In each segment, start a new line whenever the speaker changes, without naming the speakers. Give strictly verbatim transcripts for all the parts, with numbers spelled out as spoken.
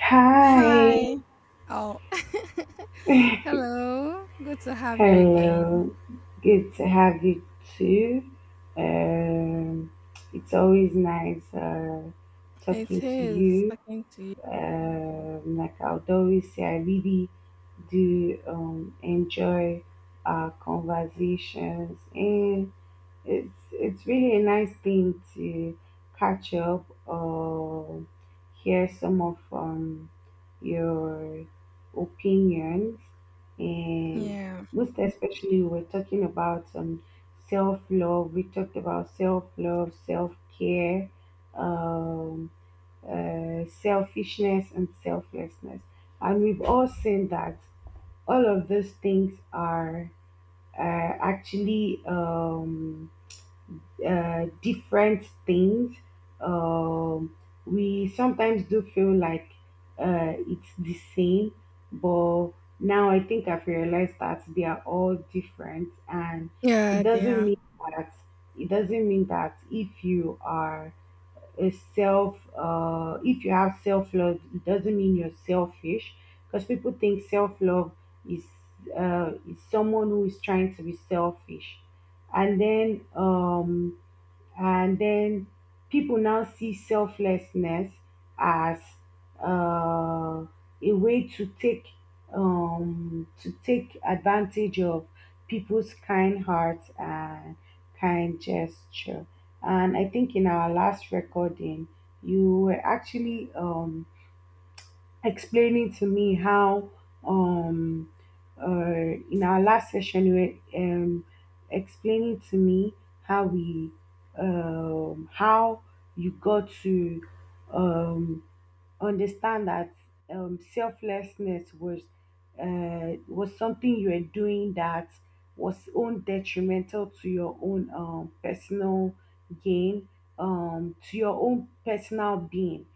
Hi,
Hi. Oh, hello. Good to have you again.
hello. Good to have you too. Um, it's always nice uh,
It
talking to
is
you.
talking to you.
Um, like I would always say, I really do um, enjoy our conversations, and It's it's really a nice thing to catch up or hear some of um, your opinions, and
Yeah,
most especially we're talking about um, self love. We talked about self love, self care, um, uh, selfishness, and selflessness, and we've all seen that all of those things are uh, actually. Um, uh, different things. Um, we sometimes do feel like uh, it's the same, but now I think I've realized that they are all different, and
yeah,
it doesn't
dear.
mean that it doesn't mean that if you are a self uh, if you have self love, it doesn't mean you're selfish because people think self love is uh, is someone who is trying to be selfish, and then um, and then people now see selflessness as uh, a way to take um, to take advantage of people's kind heart and kind gesture. And I think in our last recording, you were actually um, explaining to me how um uh, in our last session you were um explaining to me how we um how you got to um understand that um, selflessness was uh, was something you were doing that was own detrimental to your own um, personal gain, um, to your own personal being.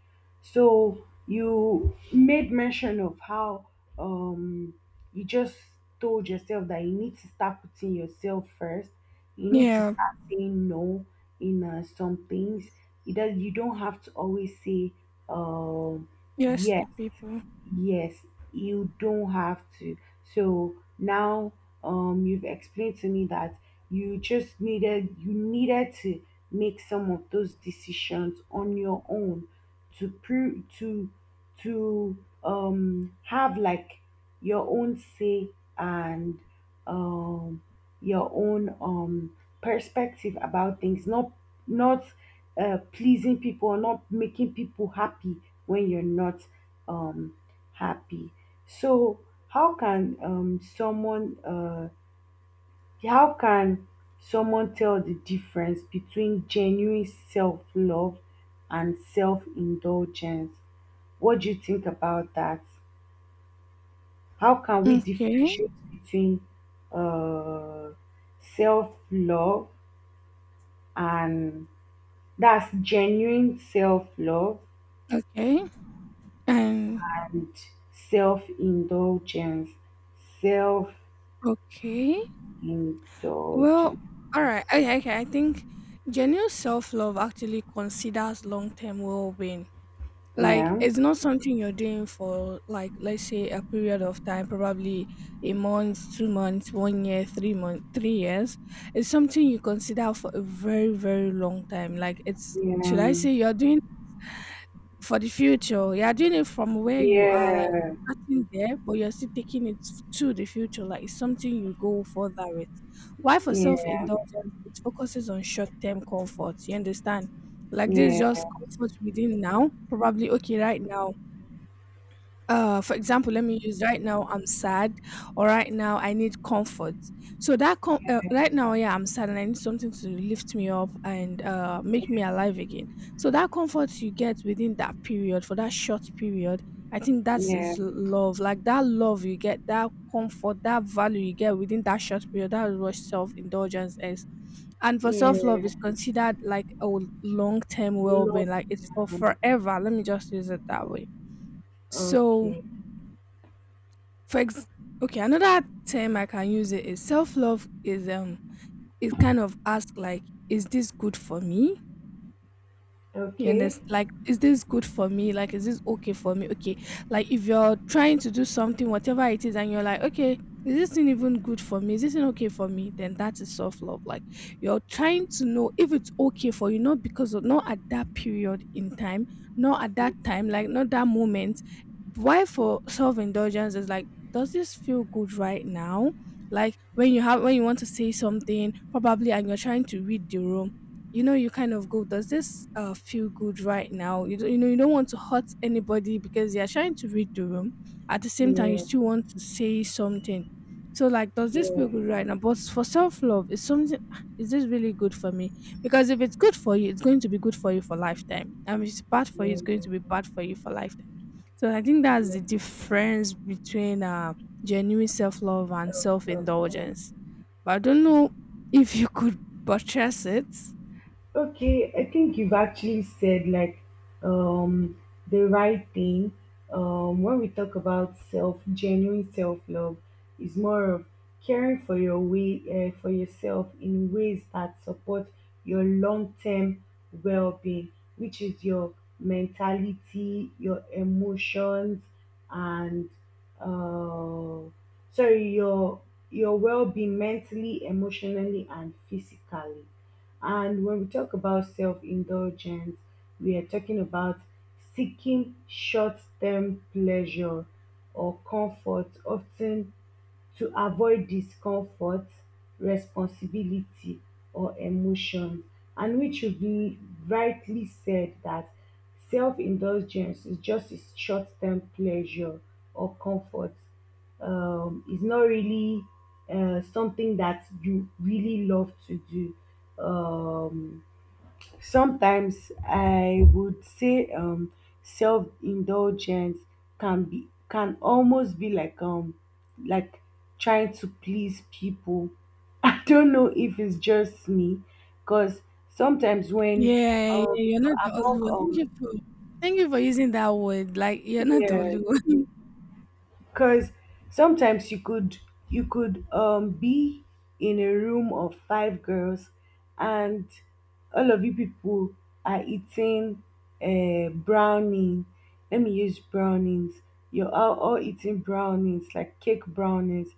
So you made mention of how um, you just told yourself that you need to start putting yourself first. You need to
Yeah,
start saying no in uh, some things. It does, you don't have to always say um,
yes to
yes,
people.
Yes, you don't have to. So now um you've explained to me that you just needed you needed to make some of those decisions on your own to prove to to um have like your own say and um your own um perspective about things not not uh, pleasing people or not making people happy when you're not um happy. So how can um someone uh how can someone tell the difference between genuine self-love and self-indulgence? What do you think about that? How can we
Okay,
differentiate between uh self-love and that's genuine self-love
okay, and
and self-indulgence, self
okay. Well,
Indulgence.
all right. Okay, okay. I think genuine self love actually considers long term well being. Like,
Yeah.
it's not something you're doing for, like, let's say, a period of time, probably a month, two months, one year, three month, three years. It's something you consider for a very, very long time. Like, it's should I
Yeah.
say, you're doing for the future. You're doing it from where you are, like,
Yeah.
starting there, but you're still taking it to the future. Like, it's something you go further with. Why? For
Yeah.
self-indulgence, it focuses on short-term comfort, you understand? Like, this is
Yeah.
just comfort within now, probably, okay, right now. Uh for example, let me use right now, I'm sad, or right now I need comfort. So that com- uh, right now, yeah, I'm sad, and I need something to lift me up and uh make me alive again. So that comfort you get within that period, for that short period, I think that
Yeah.
is l- love. Like that love you get, that comfort, that value you get within that short period, that is what self-indulgence is. And for self-love
Yeah.
is considered like a long w- long-term
Love.
well-being. Like, it's for forever, let me just use it that way. So,
Okay.
for ex- okay, another term I can use, it is self-love is, um it kind of ask like, is this good for me? You
Okay.
understand? Like, is this good for me? Like, is this okay for me? Okay. Like, if you're trying to do something, whatever it is, and you're like, okay, is this thing even good for me? Is this thing okay for me? Then that is self love. Like, you're trying to know if it's okay for you, not because of, not at that period in time, not at that time, like, not that moment. Why for self indulgence is like, does this feel good right now? Like when you have when you want to say something, probably, and you're trying to read the room, you know you kind of go, does this uh feel good right now? You, don't- you know you don't want to hurt anybody because you're trying to read the room. At the same time you
Yeah.
still want to say something. So, like, does this feel
Yeah.
good right now? But for self-love is something, is this really good for me? Because if it's good for you, it's going to be good for you for lifetime, and if it's bad for you,
Yeah.
it's going
Yeah.
to be bad for you for lifetime. So, I think that's
Yeah.
the difference between uh genuine self-love and
So, so,
self-indulgence. But I don't know if you could purchase it.
Okay, I think you've actually said like um, the right thing. Um, when we talk about self, genuine self love is more of caring for your way, uh, for yourself in ways that support your long term well being, which is your mentality, your emotions, and uh, sorry your your well-being mentally, emotionally and physically. And when we talk about self-indulgence, we are talking about seeking short-term pleasure or comfort often to avoid discomfort, responsibility or emotion. And which you be rightly said that self-indulgence is just a short-term pleasure or comfort. Um, it's not really uh, something that you really love to do. Um, Sometimes I would say um, self-indulgence can be can almost be like um like trying to please people. I don't know if it's just me, because sometimes when
Yeah, yeah,
um
you're not
you're
the only
among
one. Thank you
um
for thank you for using that word. Like, you're not the
yeah.
only one.
Because sometimes you could you could um be in a room of five girls and all of you people are eating uh, brownie. Let me use brownies. You're all, all eating brownies, like cake brownies.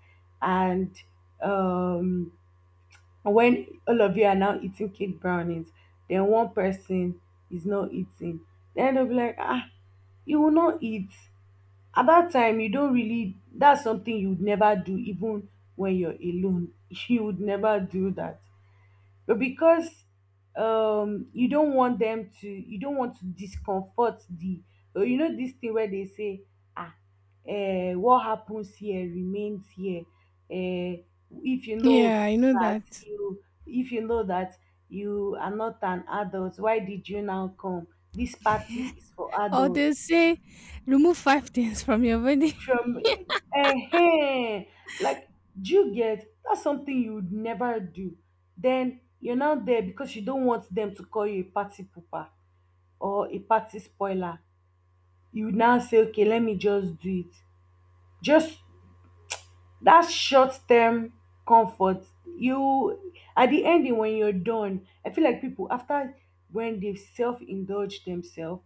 And um, when all of you are now eating cake brownies, then one person is not eating. Then they'll be like, ah, you will not eat at that time you don't really that's something you would never do even when you're alone you would never do that but because um you don't want them to you don't want to discomfort the uh, you know this thing where they say ah, uh, what happens here remains here, uh, if you know
Yeah, I know
that
that.
you if you know that you are not an adult why did you now come this party is for
Or
adults
they say remove five things from your body.
from eh like do you get that's something you would never do then you're not there because you don't want them to call you a party pooper or a party spoiler you would now say okay let me just do it just that short-term comfort you at the ending when you're done I feel like people after when they self-indulge themselves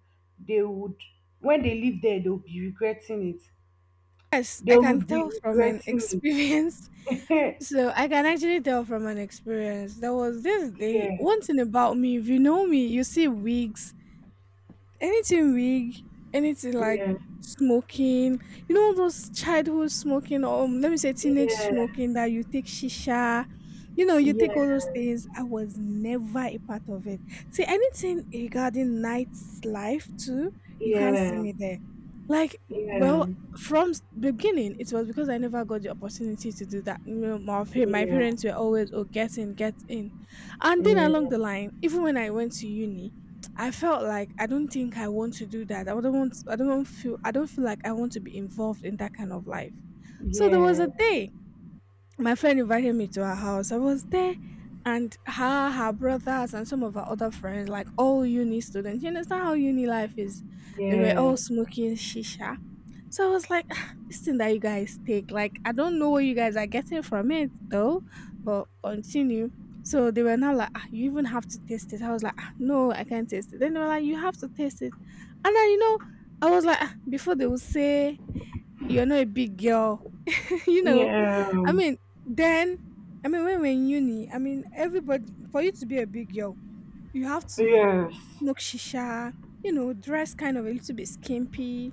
they would when they leave there they'll be regretting it
Yes,
they
I can
would be
tell from an
regretting
experience.
it.
So I can actually tell from an experience. There was this day,
Yeah,
one thing about me, if you know me, you see wigs, anything wig, anything like
yeah,
smoking, you know, those childhood smoking, or um, let me say teenage
yeah,
smoking that you take shisha, you know, you
yeah,
take all those things. I was never a part of it. See, anything regarding night's life too,
yeah,
you can't
yeah,
see
yeah,
me there. Like, well, from s- beginning, it was because I never got the opportunity to do that. You know, my, pa- my
yeah,
parents were always, oh, get in, get in. And then along the line, even when I went to uni, I felt like I don't think I want to do that. I don't want I don't feel I don't feel like I want to be involved in that kind of life. So there was
yeah,
a day my friend invited me to her house. I was there, and her, her brothers, and some of her other friends, like all uni students, you understand how uni life is. They were
yeah,
all smoking shisha. So I was like, "Ah, this thing that you guys take, like, I don't know what you guys are getting from it though, but continue." So they were now like, "Ah, you even have to taste it." I was like, "Ah, no, I can't taste it." Then they were like, "You have to taste it." And then, you know, I was like, "Ah," before they would say, "You're not a big girl," you know,
yeah,
I
um,
mean, then, I mean, when we're in uni, I mean, everybody, for you to be a big girl, you have to
yes,
smoke shisha, you know, dress kind of a little bit skimpy,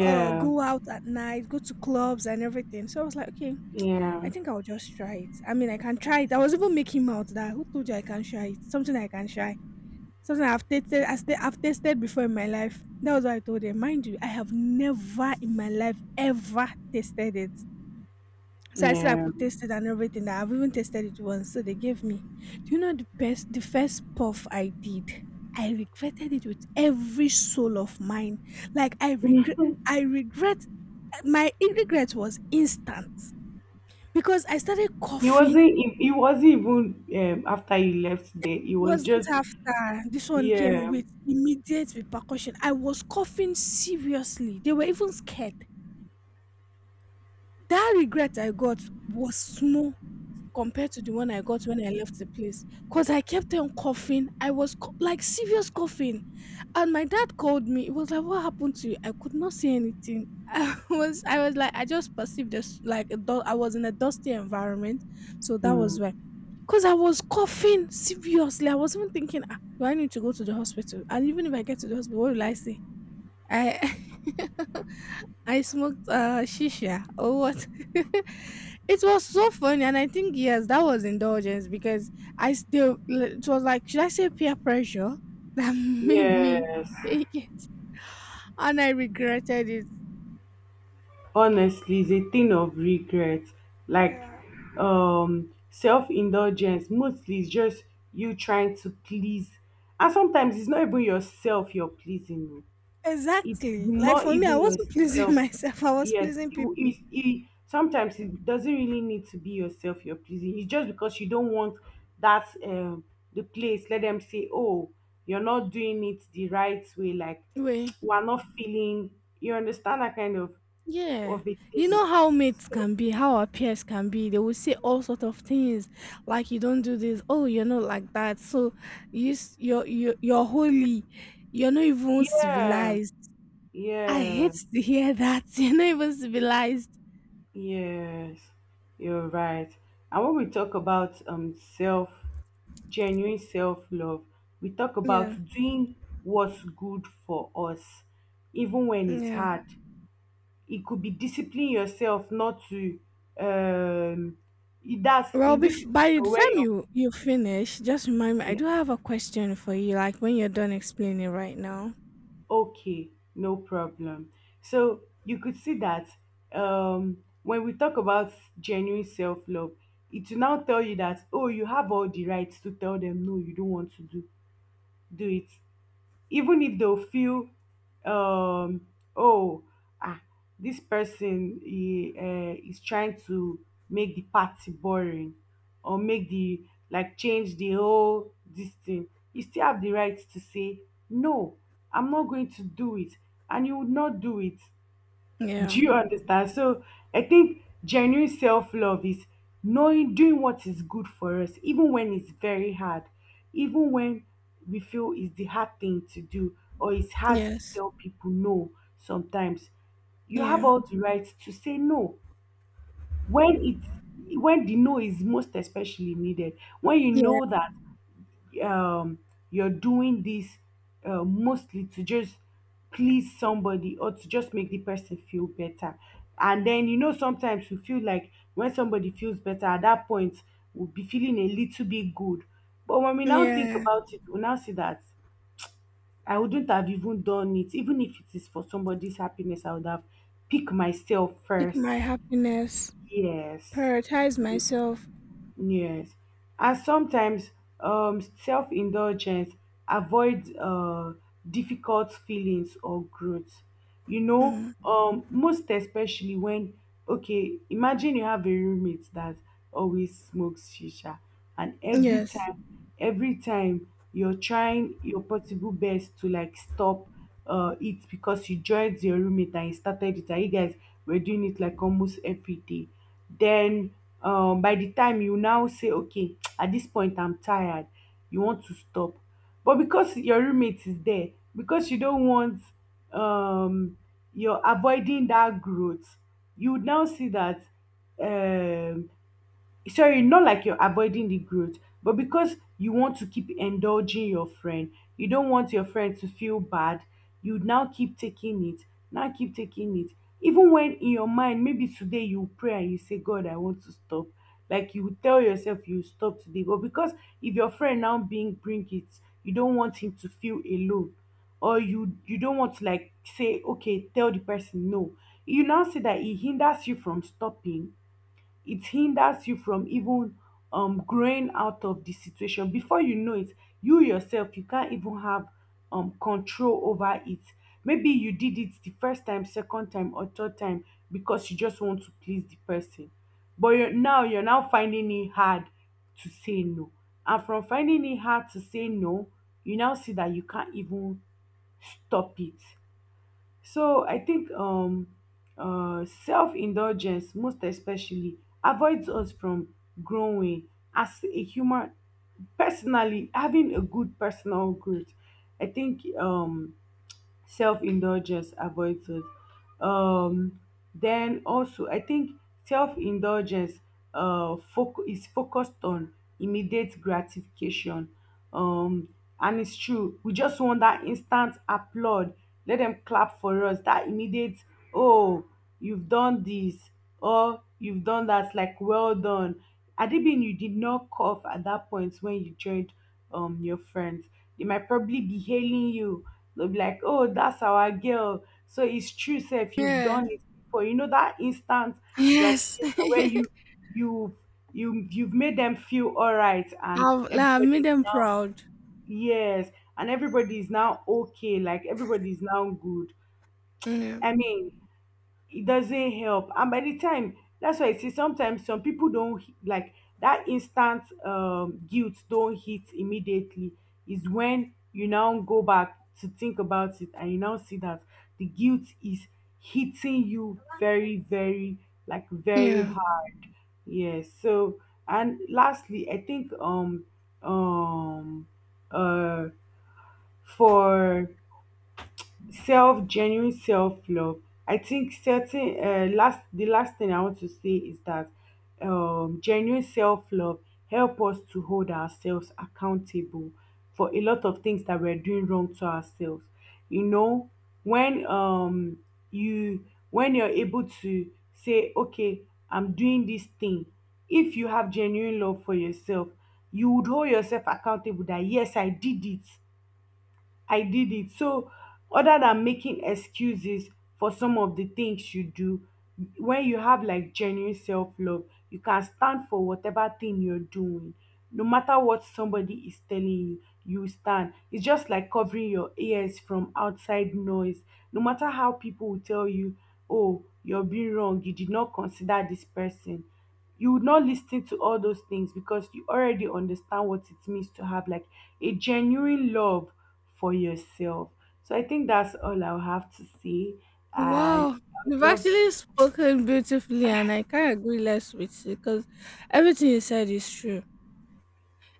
uh, go out at night, go to clubs and everything. So I was like, okay,
yeah,
I think I'll just try it. I mean, I can try it. I was even making mouth that, who told you I can try it? Something I can try. Something I've tasted, I sta- I've tasted before in my life. That was what I told them. Mind you, I have never in my life ever tasted it. So I said I
yeah.
could taste it and everything. That I've even tasted it once. So they gave me. Do you know the best? The first puff I did, I regretted it with every soul of mine. Like I regret, I regret. My regret was instant because I started
He
coughing.
wasn't. He, he wasn't even um, after he left there. He was
Wasn't
just
after this one came
yeah,
with immediate repercussion. I was coughing seriously. They were even scared. That regret I got was small compared to the one I got when I left the place. Because I kept on coughing. I was co- like serious coughing. And my dad called me. It was like, what happened to you? I could not say anything. I was I was like, I just perceived this like a du- I was in a dusty environment. So that was why.
mm,
Because I was coughing seriously. I was even thinking, ah, do I need to go to the hospital? And even if I get to the hospital, what will I say? I I smoked uh shisha or what? It was so funny, and I think yes, that was indulgence because I still, it was like, should I say peer pressure that made me
yes,
take it, and I regretted it.
honestly is a thing of regret like
Yeah,
um self-indulgence mostly is just you trying to please and sometimes it's not even yourself you're pleasing oh. It's
exactly. Like
not
for me, I
even
wasn't pleasing
yourself
myself; I was
yes
pleasing
it,
people.
it, it- sometimes it doesn't really need to be yourself you're pleasing it's just because you don't want that um the place let them say oh you're not doing it the right way like
Wait.
we're not feeling you understand that kind of
Yeah.
of a
You
thing.
know how mates
So
can be, how our peers can be. They will say all sort of things like, you don't do this, oh, you're not like that. So you s- you're you're, you're holy. You're not even
yeah,
civilized. I
yeah,
hate to hear that. You're not even civilized.
yes, you're right. And when we talk about um self, genuine self love, we talk about
Yeah.
doing what's good for us, even when it's
Yeah.
hard. It could be disciplining yourself not to um that's
Well,
in this
bef- by the
situation where
time
you're.
you you finish, just remind me. I do have a question for you. Like when you're done explaining right now.
Okay, no problem. So you could see that um, when we talk about genuine self love, it will now tell you that oh, you have all the rights to tell them no, you don't want to do do it. Even if they'll feel um oh ah this person he uh, is trying to make the party boring or make the like change the whole this thing you still have the right to say no, I'm not going to do it and you would not do it. Do
Yeah.
you understand? So I think genuine self love is knowing, doing what is good for us, even when it's very hard, even when we feel it's the hard thing to do, or it's hard to
Yes.
tell people no sometimes. You have
Yeah.
all the right to say no when it's when the no is most especially needed, when you
Yeah.
know that um you're doing this uh, mostly to just please somebody or to just make the person feel better and then you know sometimes you feel like when somebody feels better at that point we'll be feeling a little bit good but when we now think
Yeah.
about it we now see that I wouldn't have even done it even if it is for somebody's happiness I would have picked myself
Pick
first.
my happiness.
Yes.
Prioritize myself.
Yes, and sometimes um, self-indulgence avoids uh, difficult feelings or growth. You know,
Mm.
um, most especially when, okay, imagine you have a roommate that always smokes shisha, and every
Yes.
time, every time you're trying your possible best to like stop uh, it because she joined the roommate and he started it. And you guys were doing it like almost every day. Then um, by the time you now say, okay, at this point I'm tired, you want to stop. But because your roommate is there, because you don't want um, you're avoiding that growth, you would now see that um, sorry not like you're avoiding the growth but because you want to keep indulging your friend you don't want your friend to feel bad you now keep taking it now keep taking it even when in your mind maybe today you pray and you say god I want to stop like you tell yourself you stop today but because if your friend now being bring it you don't want him to feel alone or you you don't want to like say okay tell the person no you now see that it hinders you from stopping it hinders you from even um growing out of the situation before you know it you yourself you can't even have um control over it maybe you did it the first time second time or third time because you just want to please the person but you're now you're now finding it hard to say no and from finding it hard to say no you now see that you can't even stop it. So I think um, uh, self-indulgence, most especially, avoids us from growing as a human. Personally, having a good personal growth, I think um, self-indulgence avoids it. um then also I think self-indulgence uh foc- is focused on immediate gratification. um and it's true we just want that instant applaud, let them clap for us that immediate oh you've done this or you've done that like well done, adibin you did not cough at that point when you joined um your friends they might probably be hailing you. They'll be like, oh, that's our girl. So it's true, sir, if you've
Yeah.
done it before. You know that instant
Yes.
gratification where you you you you've made them feel all right and
I've, like, I've
everybody
made
is
them
now
proud.
yes and everybody is now okay, like everybody is now good.
Yeah.
I mean, it doesn't help. And by the time, that's why I see sometimes some people don't h- like that instant um guilt don't hit immediately, is when you now go back to think about it and you now see that the guilt is hitting you very very like very
Yeah.
hard. Yes. So, and lastly, I think um um uh for self, genuine self love, I think certain uh, last, the last thing I want to say is that um, genuine self love help us to hold ourselves accountable for a lot of things that we're doing wrong to ourselves, you know, when um you when you're able to say, okay, I'm doing this thing, if you have genuine love for yourself, you would hold yourself accountable that yes, I did it. I did it. So, other than making excuses for some of the things you do, when you have like genuine self love, you can stand for whatever thing you're doing. No matter what somebody is telling you, you stand. It's just like covering your ears from outside noise. No matter how people will tell you, oh, you're being wrong, you did not consider this person, you would not listen to all those things because you already understand what it means to have like a genuine love for yourself. So I think that's all I'll have to say. I
Wow.
would
You've
love to
actually spoken beautifully, and I can't agree less with you because everything you said is true.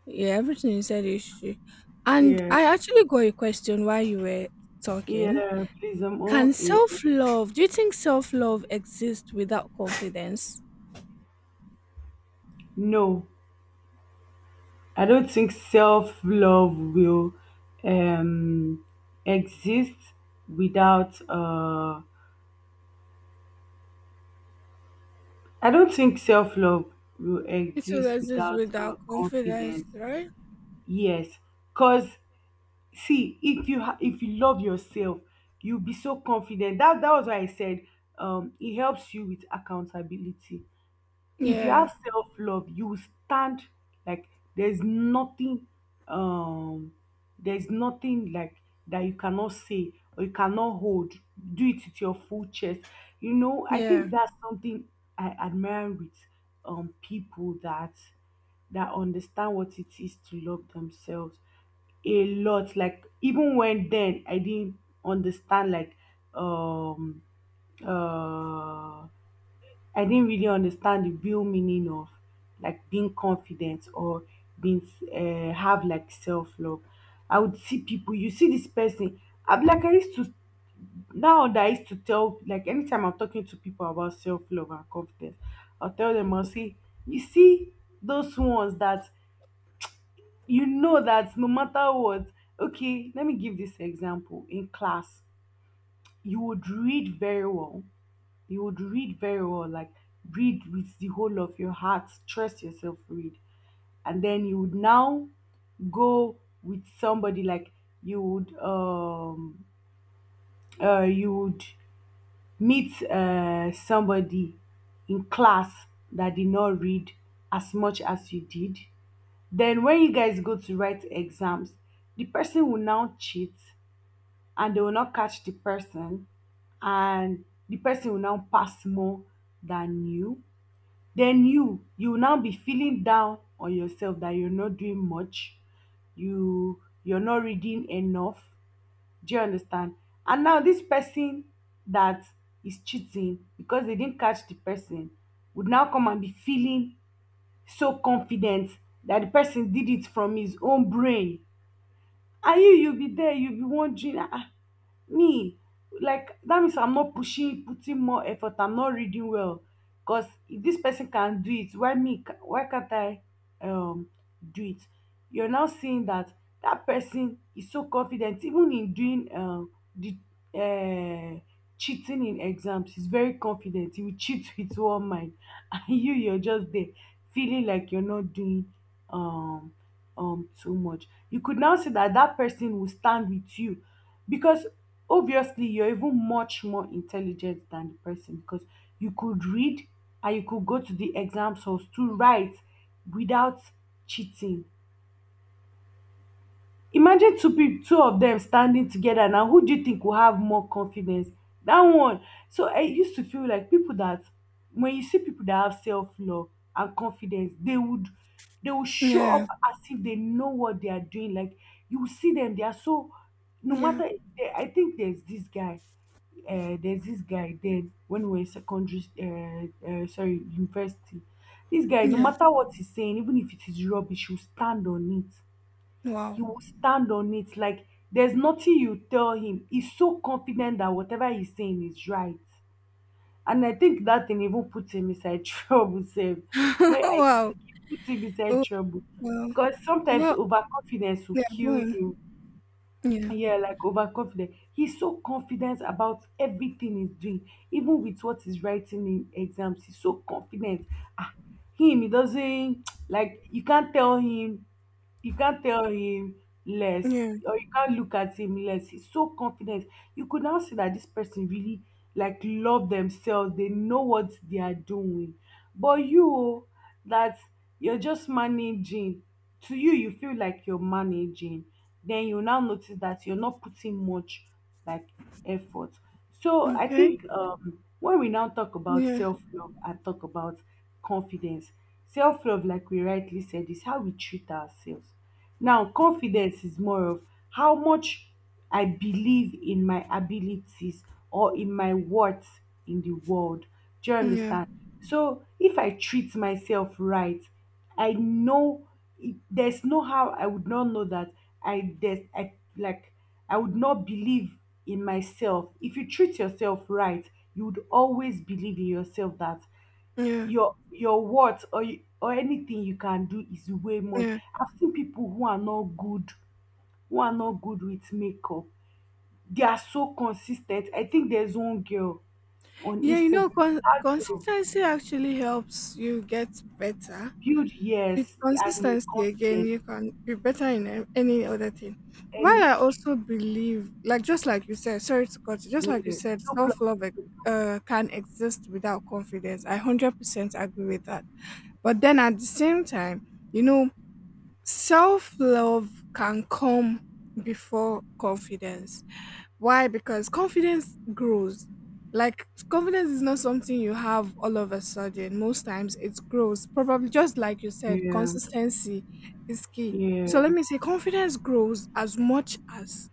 Yeah, everything you said is true. And
hear.
I actually got a question while you were talking.
Yeah, please, I'm all
Can
ear.
self love, do you think self love exists without confidence?
No, I don't think self love will um, exist without. Uh, I don't think self love will
It will
exist
exist
without
without
uh,
confidence,
confidence.
right?
Yes, because see if you ha- if you love yourself, you'll be so confident. That that was why I said um it helps you with accountability. If you
Yeah.
have self-love, you will stand, like there's nothing um there's nothing like that you cannot say or you cannot hold. Do it with your full chest. You know, I
Yeah.
think that's something I admire with um people that that understand what it is to love themselves a lot. Like even when, then I didn't understand, like um uh I didn't really understand the real meaning of like being confident or being uh, have like self love. I would see people, you see this person. I'm like, I used to, now that I used to tell, like anytime I'm talking to people about self love and confidence, I'll tell them, I'll say, you see those ones that you know that no matter what, okay, let me give this example in class. You would read very well, you would read very well, like read with the whole of your heart. Trust yourself, read. And then you would now go with somebody, like you would um uh you would meet uh somebody in class that did not read as much as you did. Then when you guys go to write exams, the person will now cheat and they will not catch the person, and the person will now pass more than you. Then you you will now be feeling down on yourself that you're not doing much, you you're not reading enough. Do you understand? And now this person that is cheating, because they didn't catch the person, would now come and be feeling so confident that the person did it from his own brain. And you you'll be there, you'll be wondering, ah ah, me, like that means I'm not pushing, putting more effort. I'm not reading well, because if this person can do it, why me? ca- Why can't I um do it? You're now seeing that that person is so confident, even in doing uh, the uh, cheating in exams. He's very confident. He will cheat with one mind, and you, you're just there feeling like you're not doing um um too much. You could now see that that person will stand with you, because obviously you're even much more intelligent than the person, because you could read and you could go to the exam source to write without cheating. Imagine two people, two of them standing together, now who do you think will have more confidence? That one. So I used to feel like people that, when you see people that have self-love and confidence, they would they will show
Yeah,
up as if they know what they are doing. Like you will see them, they are so, no
yeah,
matter. I think there's this guy, uh, there's this guy, then when we were in secondary, uh, uh, sorry, university, this guy, no
yeah.
matter what he's saying, even if it is rubbish, he'll stand on it. He
Wow.
will stand on it, like there's nothing you tell him, he's so confident that whatever he's saying is right. And I think that thing even puts him inside trouble sef. Like I
Wow.
think it puts him inside
Oh,
trouble,
wow.
because sometimes
Well,
overconfidence will
yeah, go
kill
on.
you.
Yeah,
Yeah, like overconfident. He's so confident about everything he's doing, even with what he's writing in exams. He's so confident. Ah, him, he doesn't like, you can't tell him, you can't tell him less,
yeah.
or you can't look at him less. He's so confident. You could now see that this person really like love themselves, they know what they are doing. But you, oh, that you're just managing to, you you feel like you're managing, then you now notice that you're not putting much like effort. So I
Okay.
think um when we now talk about
Yeah,
self-love and talk about confidence, self-love, like we rightly said, is how we treat ourselves. Now, confidence is more of how much I believe in my abilities or in my worth in the world. Do you
yeah,
understand? So, if I treat myself right, I know it, there's no how I would not know that I there's I like I would not believe in myself. If you treat yourself right, you would always believe in yourself that
yeah,
your your words or you, or anything you can do is way more.
yeah.
I've seen people who are not good, who are not good with makeup. They are so consistent. I think there's one girl on
Yeah, you know,
Instagram.
con
That girl
consistency actually helps you get better.
build,
With
yes, and your
consistency, again,
confidence
you can be better in a- any other thing. While
and
I also believe, like just like you said, sorry to cut you, just like you
yeah,
said,
no
self-love,
problem.
eh, uh, can exist without confidence. I one hundred percent agree with that. But then at the same time, you know, self love can come before confidence. Why? Because confidence grows. Like, confidence is not something you have all of a sudden. Most times it grows. Probably just like you said,
Yeah,
consistency is key. So
yeah,
let me say confidence grows as much as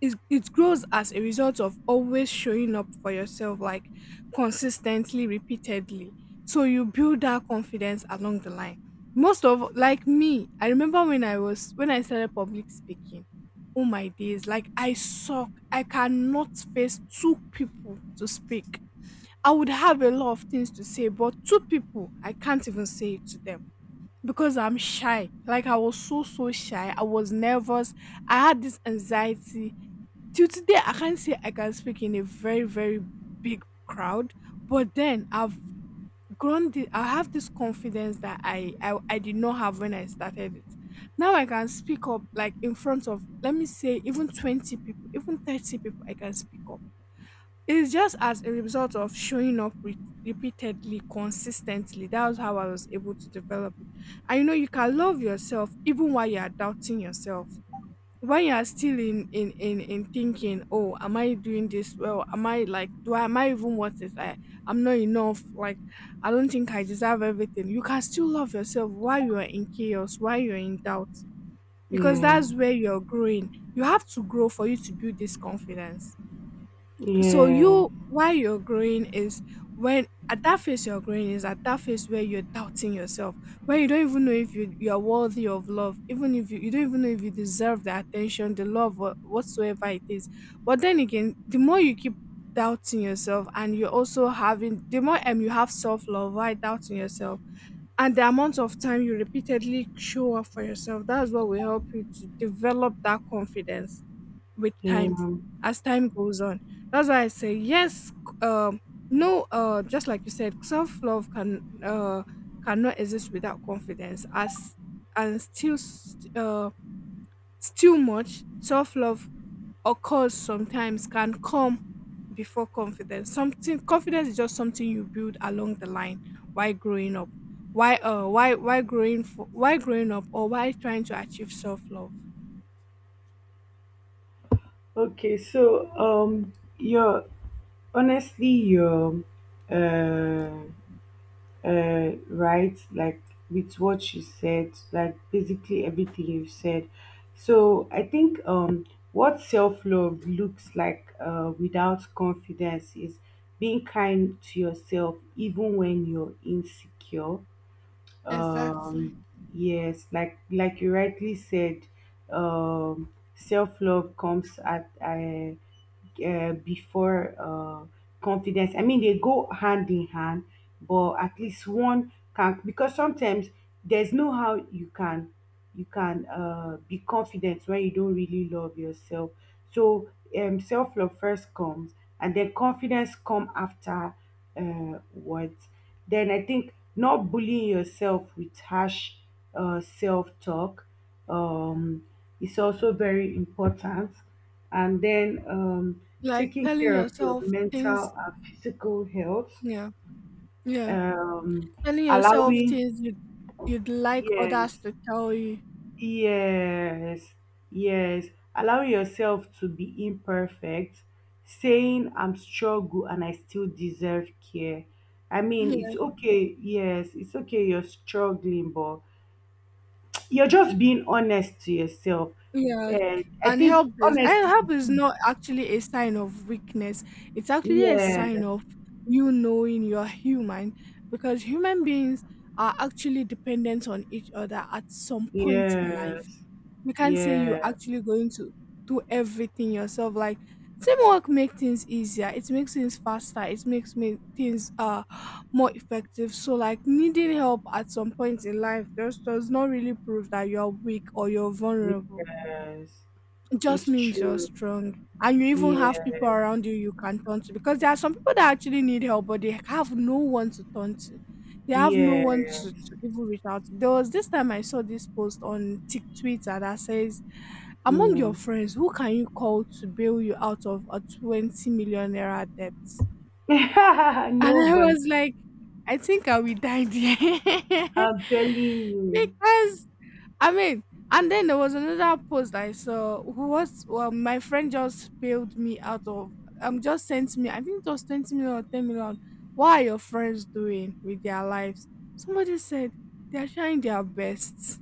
it, it grows as a result of always showing up for yourself, like, consistently, repeatedly. So you build that confidence along the line. Most of like me, I remember when i was when I started public speaking. Oh, my days, like, I suck. I cannot face two people to speak. I would have a lot of things to say, but two people I can't even say it to them because I'm shy. Like, I was so, so shy. I was nervous. I had this anxiety. Till today I can't say I can speak in a very, very big crowd, but then I've grown the I have this confidence that I, I I did not have when I started it. Now I can speak up, like, in front of, let me say, even twenty people, even thirty people I can speak up. It's just as a result of showing up re- repeatedly, consistently. That was how I was able to develop it. And you know you can love yourself even while you are doubting yourself, when you are still in in in in thinking, oh, am I doing this well, am I, like, do I am I even worth it, i i'm not enough, like I don't think I deserve everything. You can still love yourself while you are in chaos, while you're in doubt, because
yeah,
that's where you're growing. You have to grow for you to build this confidence. so
yeah,
you why you're growing is, when at that phase you're growing is at that phase where you're doubting yourself, where you don't even know if you you are worthy of love, even if you, you don't even know if you deserve the attention, the love, or whatsoever it is. But then again, the more you keep doubting yourself and you're also having the more um you have self-love while doubting yourself, and the amount of time you repeatedly show up for yourself, that's what will help you to develop that confidence with time,
yeah.
as time goes on. That's why I say yes, c- um no, uh just like you said, self-love can uh cannot exist without confidence, as and still s- uh still much self-love occurs sometimes, can come before confidence. Something Confidence is just something you build along the line while growing up, why uh why why growing for why growing up, or why trying to achieve self-love.
Okay, so um, your honestly your uh uh, right, like with what she said, like basically everything you said. So I think um what self-love looks like uh, without confidence is being kind to yourself even when you're insecure.
Exactly.
um yes, like like you rightly said, um self-love comes at uh, uh, before uh, confidence. I mean, they go hand in hand, but at least one can, because sometimes there's no how you can, you can uh, be confident when you don't really love yourself. So um, self love first comes, and then confidence come after uh, what. Then I think not bullying yourself with harsh uh, self talk um, is also very important. And then um,
Like
taking
telling
care of your
yourself things,
mental and physical health,
yeah. Yeah.
um,
Telling yourself
allowing,
things you'd you'd like others
yes,
to tell you.
Yes, yes. Allowing yourself to be imperfect, saying I'm struggle and I still deserve care. I mean,
Yeah.
it's okay. Yes, it's okay. You're struggling, but you're just being honest to yourself.
Yeah.
And I
And
think
help is and
honesty.
help is not actually a sign of weakness. It's actually a
Yes,
sign of you knowing you're human, because human beings are actually dependent on each other at some point in life.
yes,
You can't say you're
yes,
actually going to do everything yourself. Like, teamwork makes things easier. It makes things faster. It makes me things uh more effective. So, like, needing help at some point in life just does not really prove that you're weak or you're vulnerable.
yes.
It just
It's
means you're
true.
strong. And you even have people
Yes,
around you you can turn to, because there are some people that actually need help, but they have no one to turn to. They have no one to,
yes.
to even reach out to. There was this time I saw this post on Tik Twitter that says, among your
Mm.
friends, who can you call to bail you out of a twenty million naira debt? And
No,
I
but
was like, I think I will die there.
I'm telling you.
Because, I mean, and then there was another post I saw, who was, well, my friend just bailed me out of. Um, just sent me, I think it was twenty million or ten million. What are your friends doing with their lives? Somebody said they are trying their best.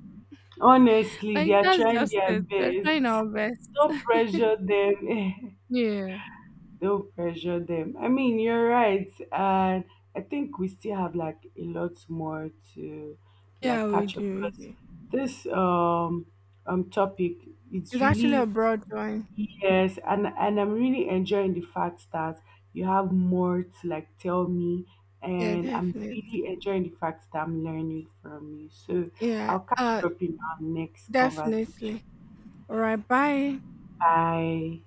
Honestly, they
Like,
are
that's
trying
just
their
it. We're
best.
trying our best.
Don't pressure them.
Yeah.
Don't pressure them. I mean, you're right. And I think we still have like a lot more to
Yeah,
like
we
catch up,
do. We
because
do.
this um um topic,
It's
it's
actually a
really,
broad one.
yes, and and I'm really enjoying the fact that you have more to like tell me,
Yeah,
and I'm
definitely.
really enjoying the fact that I'm learning from you. So
Yeah.
I'll catch you
Uh,
up in our next
definitely.
conversation.
All right. Bye.
Bye.